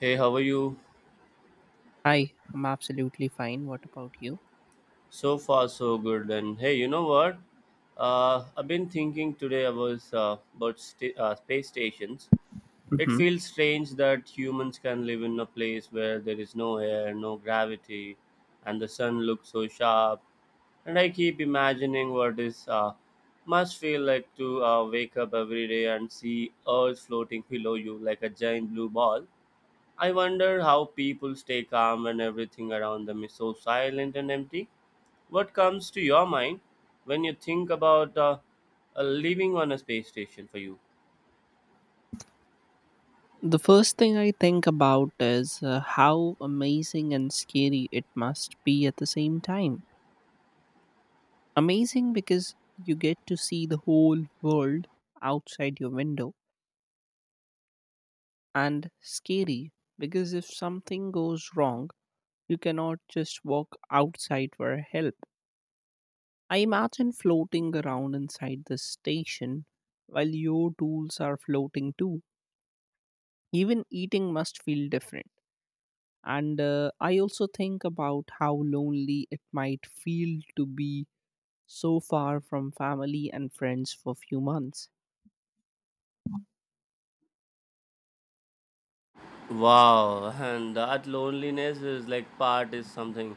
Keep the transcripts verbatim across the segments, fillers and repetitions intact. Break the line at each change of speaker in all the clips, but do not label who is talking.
Hey, how are you?
Hi, I'm absolutely fine. What about you?
So far, so good. And hey, you know what? Uh, I've been thinking today about uh, about sta uh, space stations. It
Hmm.
feels strange that humans can live in a place where there is no air, no gravity, and the sun looks so sharp. And I keep imagining what is uh, must feel like to uh, wake up every day and see Earth floating below you like a giant blue ball. I wonder how people stay calm when everything around them is so silent and empty. What comes to your mind when you think about uh, uh, living on a space station for you?
The first thing I think about is uh, how amazing and scary it must be at the same time. Amazing because you get to see the whole world outside your window, and scary because if something goes wrong, you cannot just walk outside for help. I imagine floating around inside the station while your tools are floating too. Even eating must feel different. And uh, I also think about how lonely it might feel to be so far from family and friends for few months.
Wow, and that loneliness is like part is something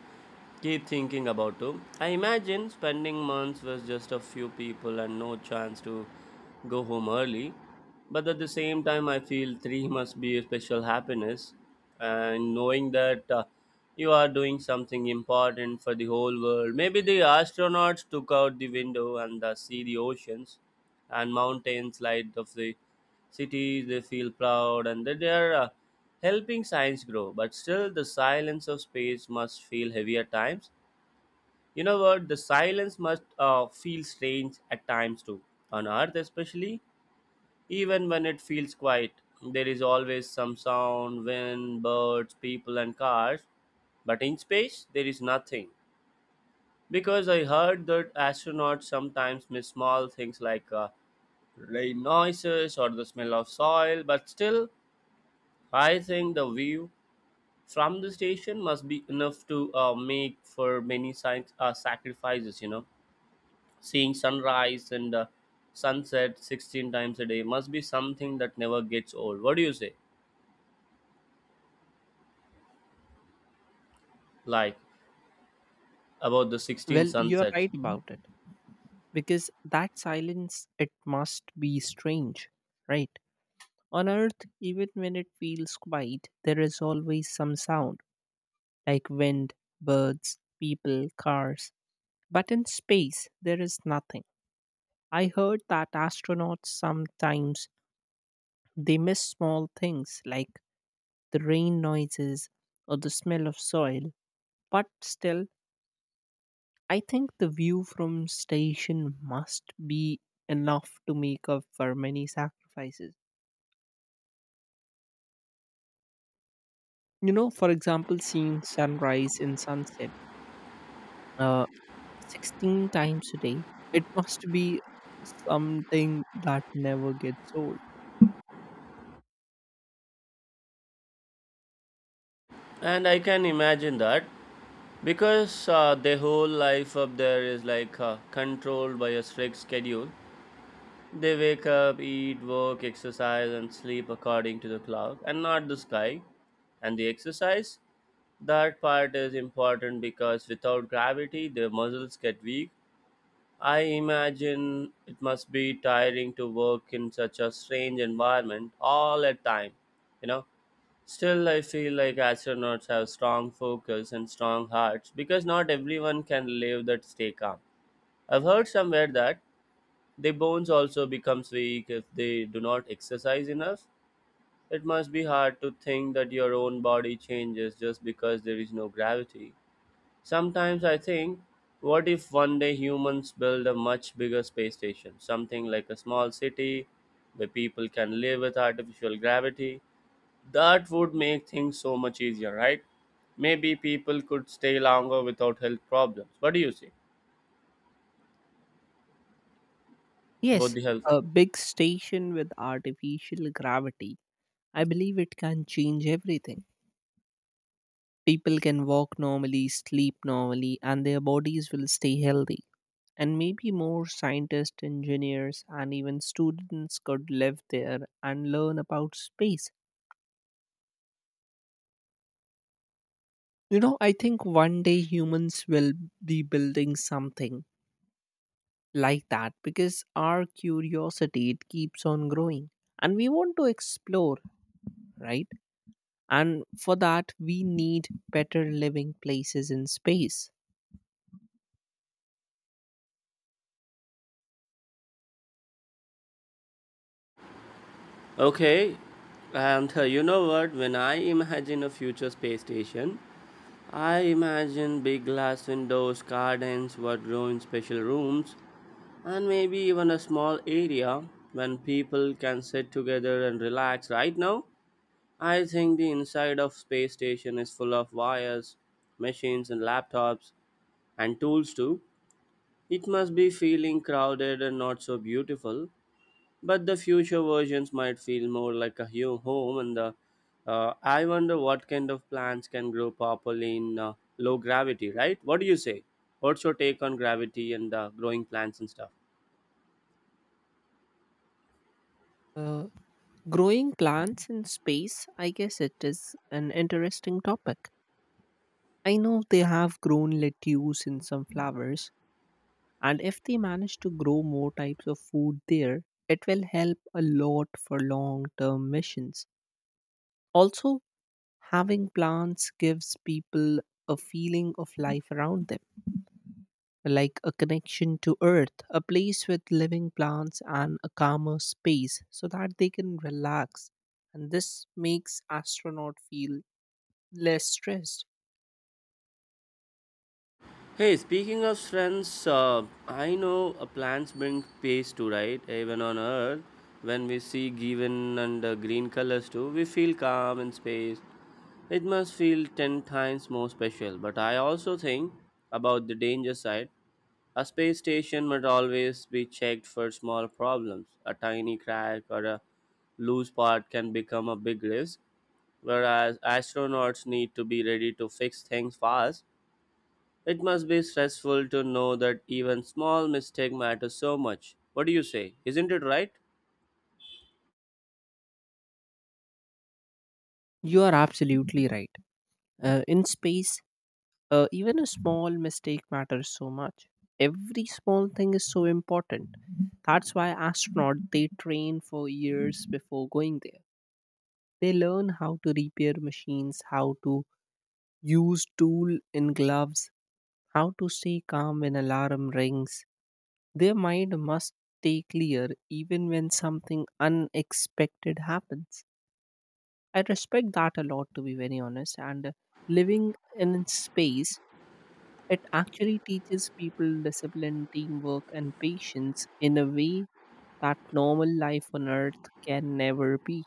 keep thinking about too. I imagine spending months with just a few people and no chance to go home early. But at the same time, I feel three must be a special happiness, and knowing that uh, you are doing something important for the whole world. Maybe the astronauts took out the window and uh, see the oceans and mountains light of the cities they feel proud and that they are uh, helping science grow, but still the silence of space must feel heavy at times. You know what, the silence must uh, feel strange at times too on earth, especially even when it feels quiet. There is always some sound, wind, birds, people and cars, but in space, there is nothing. Because I heard that astronauts sometimes miss small things like uh, rain noises or the smell of soil, but still, I think the view from the station must be enough to uh, make for many science, uh, sacrifices, you know. Seeing sunrise and uh, sunset sixteen times a day must be something that never gets old. What do you say? Like about the sixteen
Well, you're
sunsets.
right about it because that silence it must be strange, right? On earth, even when it feels quiet, there is always some sound like wind, birds, people, cars. But in space, there is nothing. I heard that astronauts sometimes they miss small things like the rain noises, or the smell of soil. But still, I think the view from station must be enough to make up for many sacrifices. You know, for example, seeing sunrise and sunset uh, sixteen times a day, it must be something that never gets old.
And I can imagine that because uh, their whole life up there is like uh, controlled by a strict schedule. They wake up, eat, work, exercise, and sleep according to the clock and not the sky and the exercise. That part is important because without gravity, the muscles get weak. I imagine it must be tiring to work in such a strange environment all at time. You know, still I feel like astronauts have strong focus and strong hearts because not everyone can live that stay calm. I've heard somewhere that the bones also becomes weak if they do not exercise enough. It must be hard to think that your own body changes just because there is no gravity. Sometimes I think, what if one day humans build a much bigger space station, something like a small city where people can live with artificial gravity? That would make things so much easier, right? Maybe people could stay longer without health problems. What do you say about
Yes,
the health?
a big station with artificial gravity. I believe it can change everything. People can walk normally, sleep normally, and their bodies will stay healthy. And maybe more scientists, engineers, and even students could live there and learn about space. You know, I think one day humans will be building something like that because our curiosity it keeps on growing and we want to explore, right? And for that, we need better living places in space.
Okay, and uh, you know what? When I imagine a future space station, I imagine big glass windows, gardens, what grow in special rooms, and maybe even a small area when people can sit together and relax. Right now, I think the inside of space station is full of wires, machines, and laptops, and tools too. It must be feeling crowded and not so beautiful, but the future versions might feel more like a hu- home and uh, uh, I wonder what kind of plants can grow properly in uh, low gravity, right? What do you say? What's your take on gravity and uh, growing plants and stuff?
Uh, Growing plants in space, I guess it is an interesting topic. I know they have grown lettuce in some flowers. And if they manage to grow more types of food there, it will help a lot for long term missions. Also, having plants gives people a feeling of life around them, like a connection to earth, a place with living plants, and a calmer space so that they can relax. And this makes astronaut feel less stressed.
Hey, speaking of strengths, uh, I know uh, plants bring peace too, right? Even on earth, when we see given and uh, green colors too, we feel calm. In space, it must feel ten times more special, but I also think about the danger side. A space station must always be checked for small problems. A tiny crack or a loose part can become a big risk, whereas astronauts need to be ready to fix things fast. It must be stressful to know that even small mistake matters so much. What do you say? Isn't it right?
You are absolutely right. Uh, in space, Uh, even a small mistake matters so much. Every small thing is so important. That's why astronauts they train for years before going there. They learn how to repair machines, how to use tool in gloves, how to stay calm when alarm rings. Their mind must stay clear even when something unexpected happens. I respect that a lot to be very honest. And uh, living in space, it actually teaches people discipline, teamwork, and patience in a way that normal life on earth can never be.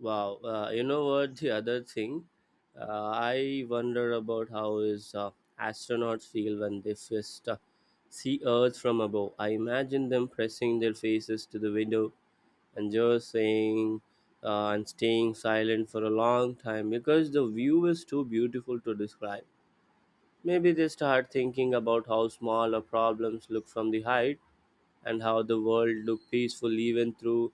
Wow, uh, you know what? The other thing, uh, I wonder about how is uh, astronauts feel when they first uh, see Earth from above. I imagine them pressing their faces to the window and just saying uh, and staying silent for a long time because the view is too beautiful to describe. Maybe they start thinking about how small our problems look from the height and how the world looked peaceful even through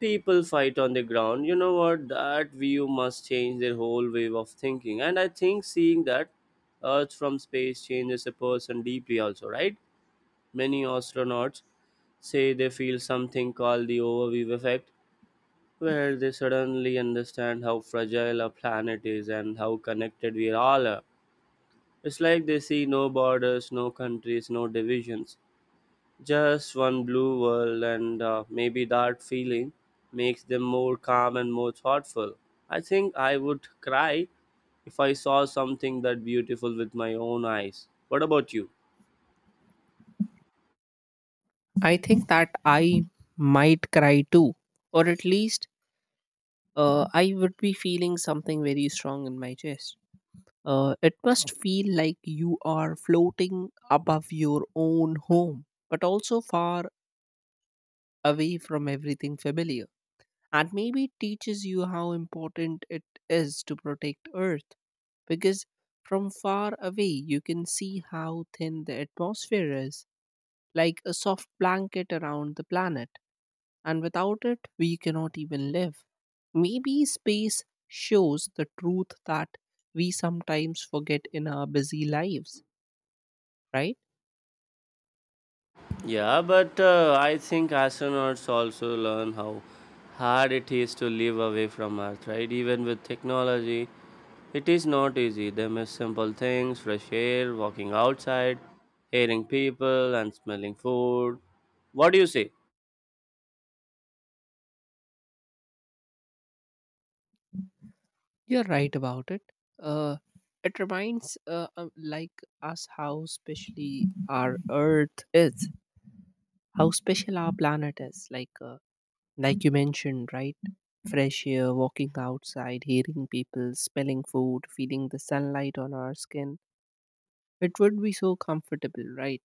people fight on the ground. You know what, that view must change their whole way of thinking, and I think seeing that earth from space changes a person deeply also, right? Many astronauts say they feel something called the overview effect, where they suddenly understand how fragile our planet is and how connected we all are. It's like they see no borders, no countries, no divisions, just one blue world, and uh, maybe that feeling makes them more calm and more thoughtful. I think I would cry if I saw something that beautiful with my own eyes. What about you?
I think that I might cry too, or at least uh, I would be feeling something very strong in my chest. Uh, it must feel like you are floating above your own home, but also far away from everything familiar. And maybe it teaches you how important it is to protect earth, because from far away you can see how thin the atmosphere is, like a soft blanket around the planet, and without it we cannot even live. Maybe space shows the truth that we sometimes forget in our busy lives, right?
Yeah, but uh, I think astronauts also learn how hard it is to live away from Earth, right? Even with technology, it is not easy. They miss simple things, fresh air, walking outside, hearing people, and smelling food. What do you say?
You're right about it. uh it reminds uh, uh, like us how specially our earth is, how special our planet is, like uh, like you mentioned, right? Fresh air, walking outside, hearing people, smelling food, feeling the sunlight on our skin, it would be so comfortable, right?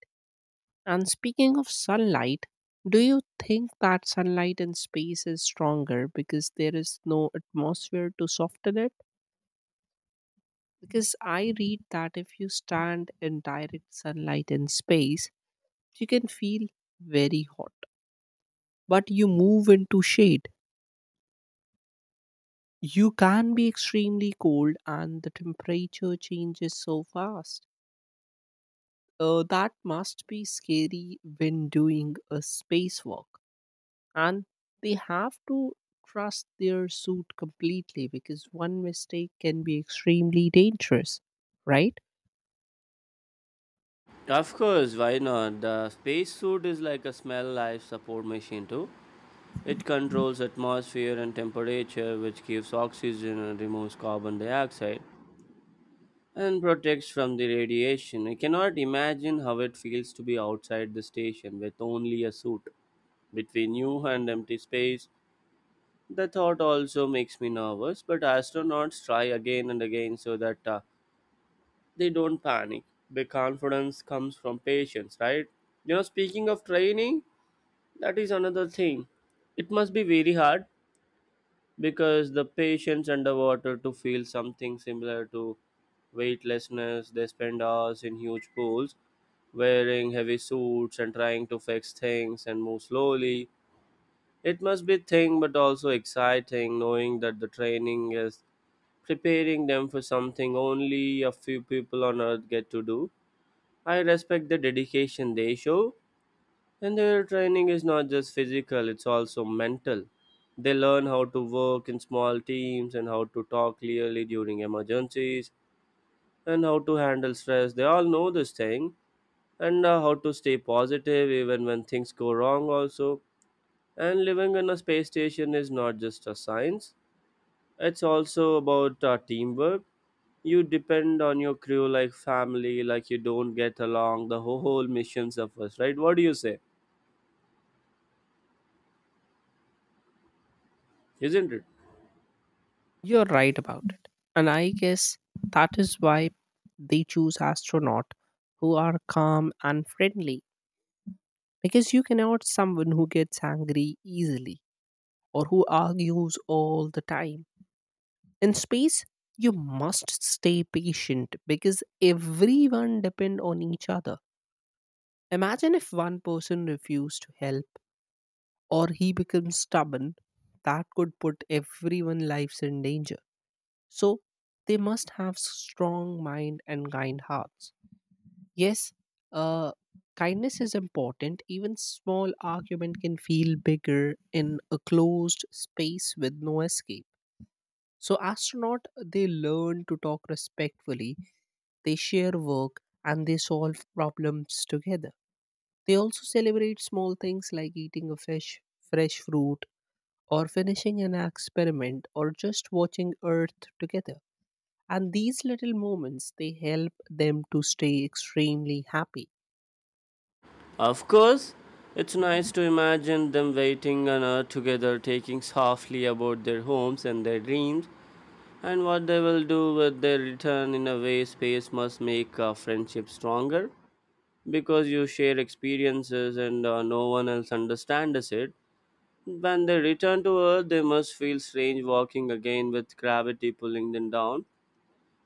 And speaking of sunlight, do you think that sunlight in space is stronger because there is no atmosphere to soften it? Because I read that if you stand in direct sunlight in space, you can feel very hot, but you move into shade, you can be extremely cold and the temperature changes so fast. Uh, that must be scary when doing a spacewalk. And they have to trust their suit completely because one mistake can be extremely dangerous, right?
Of course, why not? The spacesuit is like a small life support machine too. It controls atmosphere and temperature, which gives oxygen and removes carbon dioxide and protects from the radiation. I cannot imagine how it feels to be outside the station with only a suit. Between you and empty space, the thought also makes me nervous, but astronauts try again and again so that uh, they don't panic. The confidence comes from patience, right? You know, speaking of training, that is another thing. It must be very hard because the patients underwater to feel something similar to weightlessness. They spend hours in huge pools, wearing heavy suits and trying to fix things and move slowly. It must be thing but also exciting, knowing that the training is preparing them for something only a few people on earth get to do. I respect the dedication they show, and their training is not just physical, it's also mental. They learn how to work in small teams and how to talk clearly during emergencies and how to handle stress. They all know this thing and uh, how to stay positive even when things go wrong, also. And living in a space station is not just a science, it's also about uh, teamwork. You depend on your crew like family. Like you don't get along, the whole mission suffers, right? What do you say? Isn't it?
You're right about it. And I guess that is why they choose astronaut who are calm and friendly, because you cannot someone who gets angry easily or who argues all the time. In space, you must stay patient because everyone depend on each other. Imagine if one person refused to help or he becomes stubborn, that could put everyone's lives in danger. So they must have strong mind and kind hearts. Yes, uh, kindness is important. Even small argument can feel bigger in a closed space with no escape. So astronaut they learn to talk respectfully, they share work and they solve problems together. They also celebrate small things like eating a fish, fresh fruit or finishing an experiment or just watching earth together. And these little moments they help them to stay extremely happy.
Of course, it's nice to imagine them waiting on earth together, taking softly about their homes and their dreams, and what they will do with their return. In a way, space must make a friendship stronger because you share experiences and uh, no one else understands it. When they return to Earth, they must feel strange walking again with gravity pulling them down.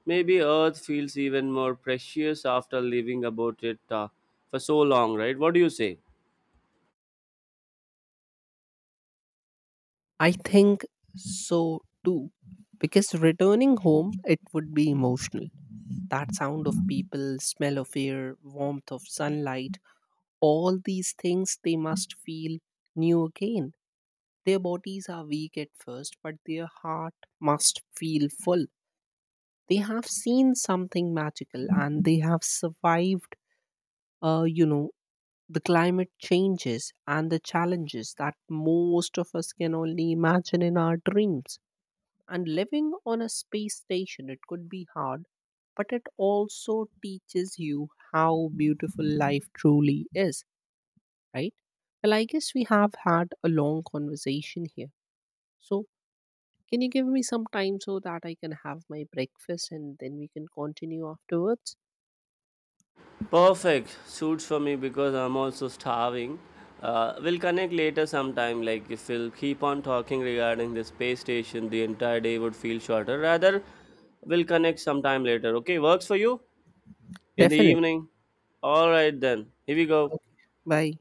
Maybe Earth feels even more precious after living about it uh, for so long, right? What do you say?
I think so too, because returning home it would be emotional. That sound of people, smell of air, warmth of sunlight, all these things they must feel new again. Their bodies are weak at first, but their heart must feel full. They have seen something magical and they have survived uh, you know, the climate changes and the challenges that most of us can only imagine in our dreams. And living on a space station it could be hard, but it also teaches you how beautiful life truly is, right? Well, I guess we have had a long conversation here. So, can you give me some time so that I can have my breakfast and then we can continue afterwards?
Perfect. Suits for me because I'm also starving. Uh, we'll connect later sometime. Like, if we'll keep on talking regarding the space station, the entire day would feel shorter. Rather, we'll connect sometime later. Okay, works for you? In the
Definitely.
evening? Alright then. Here we go.
Okay. Bye.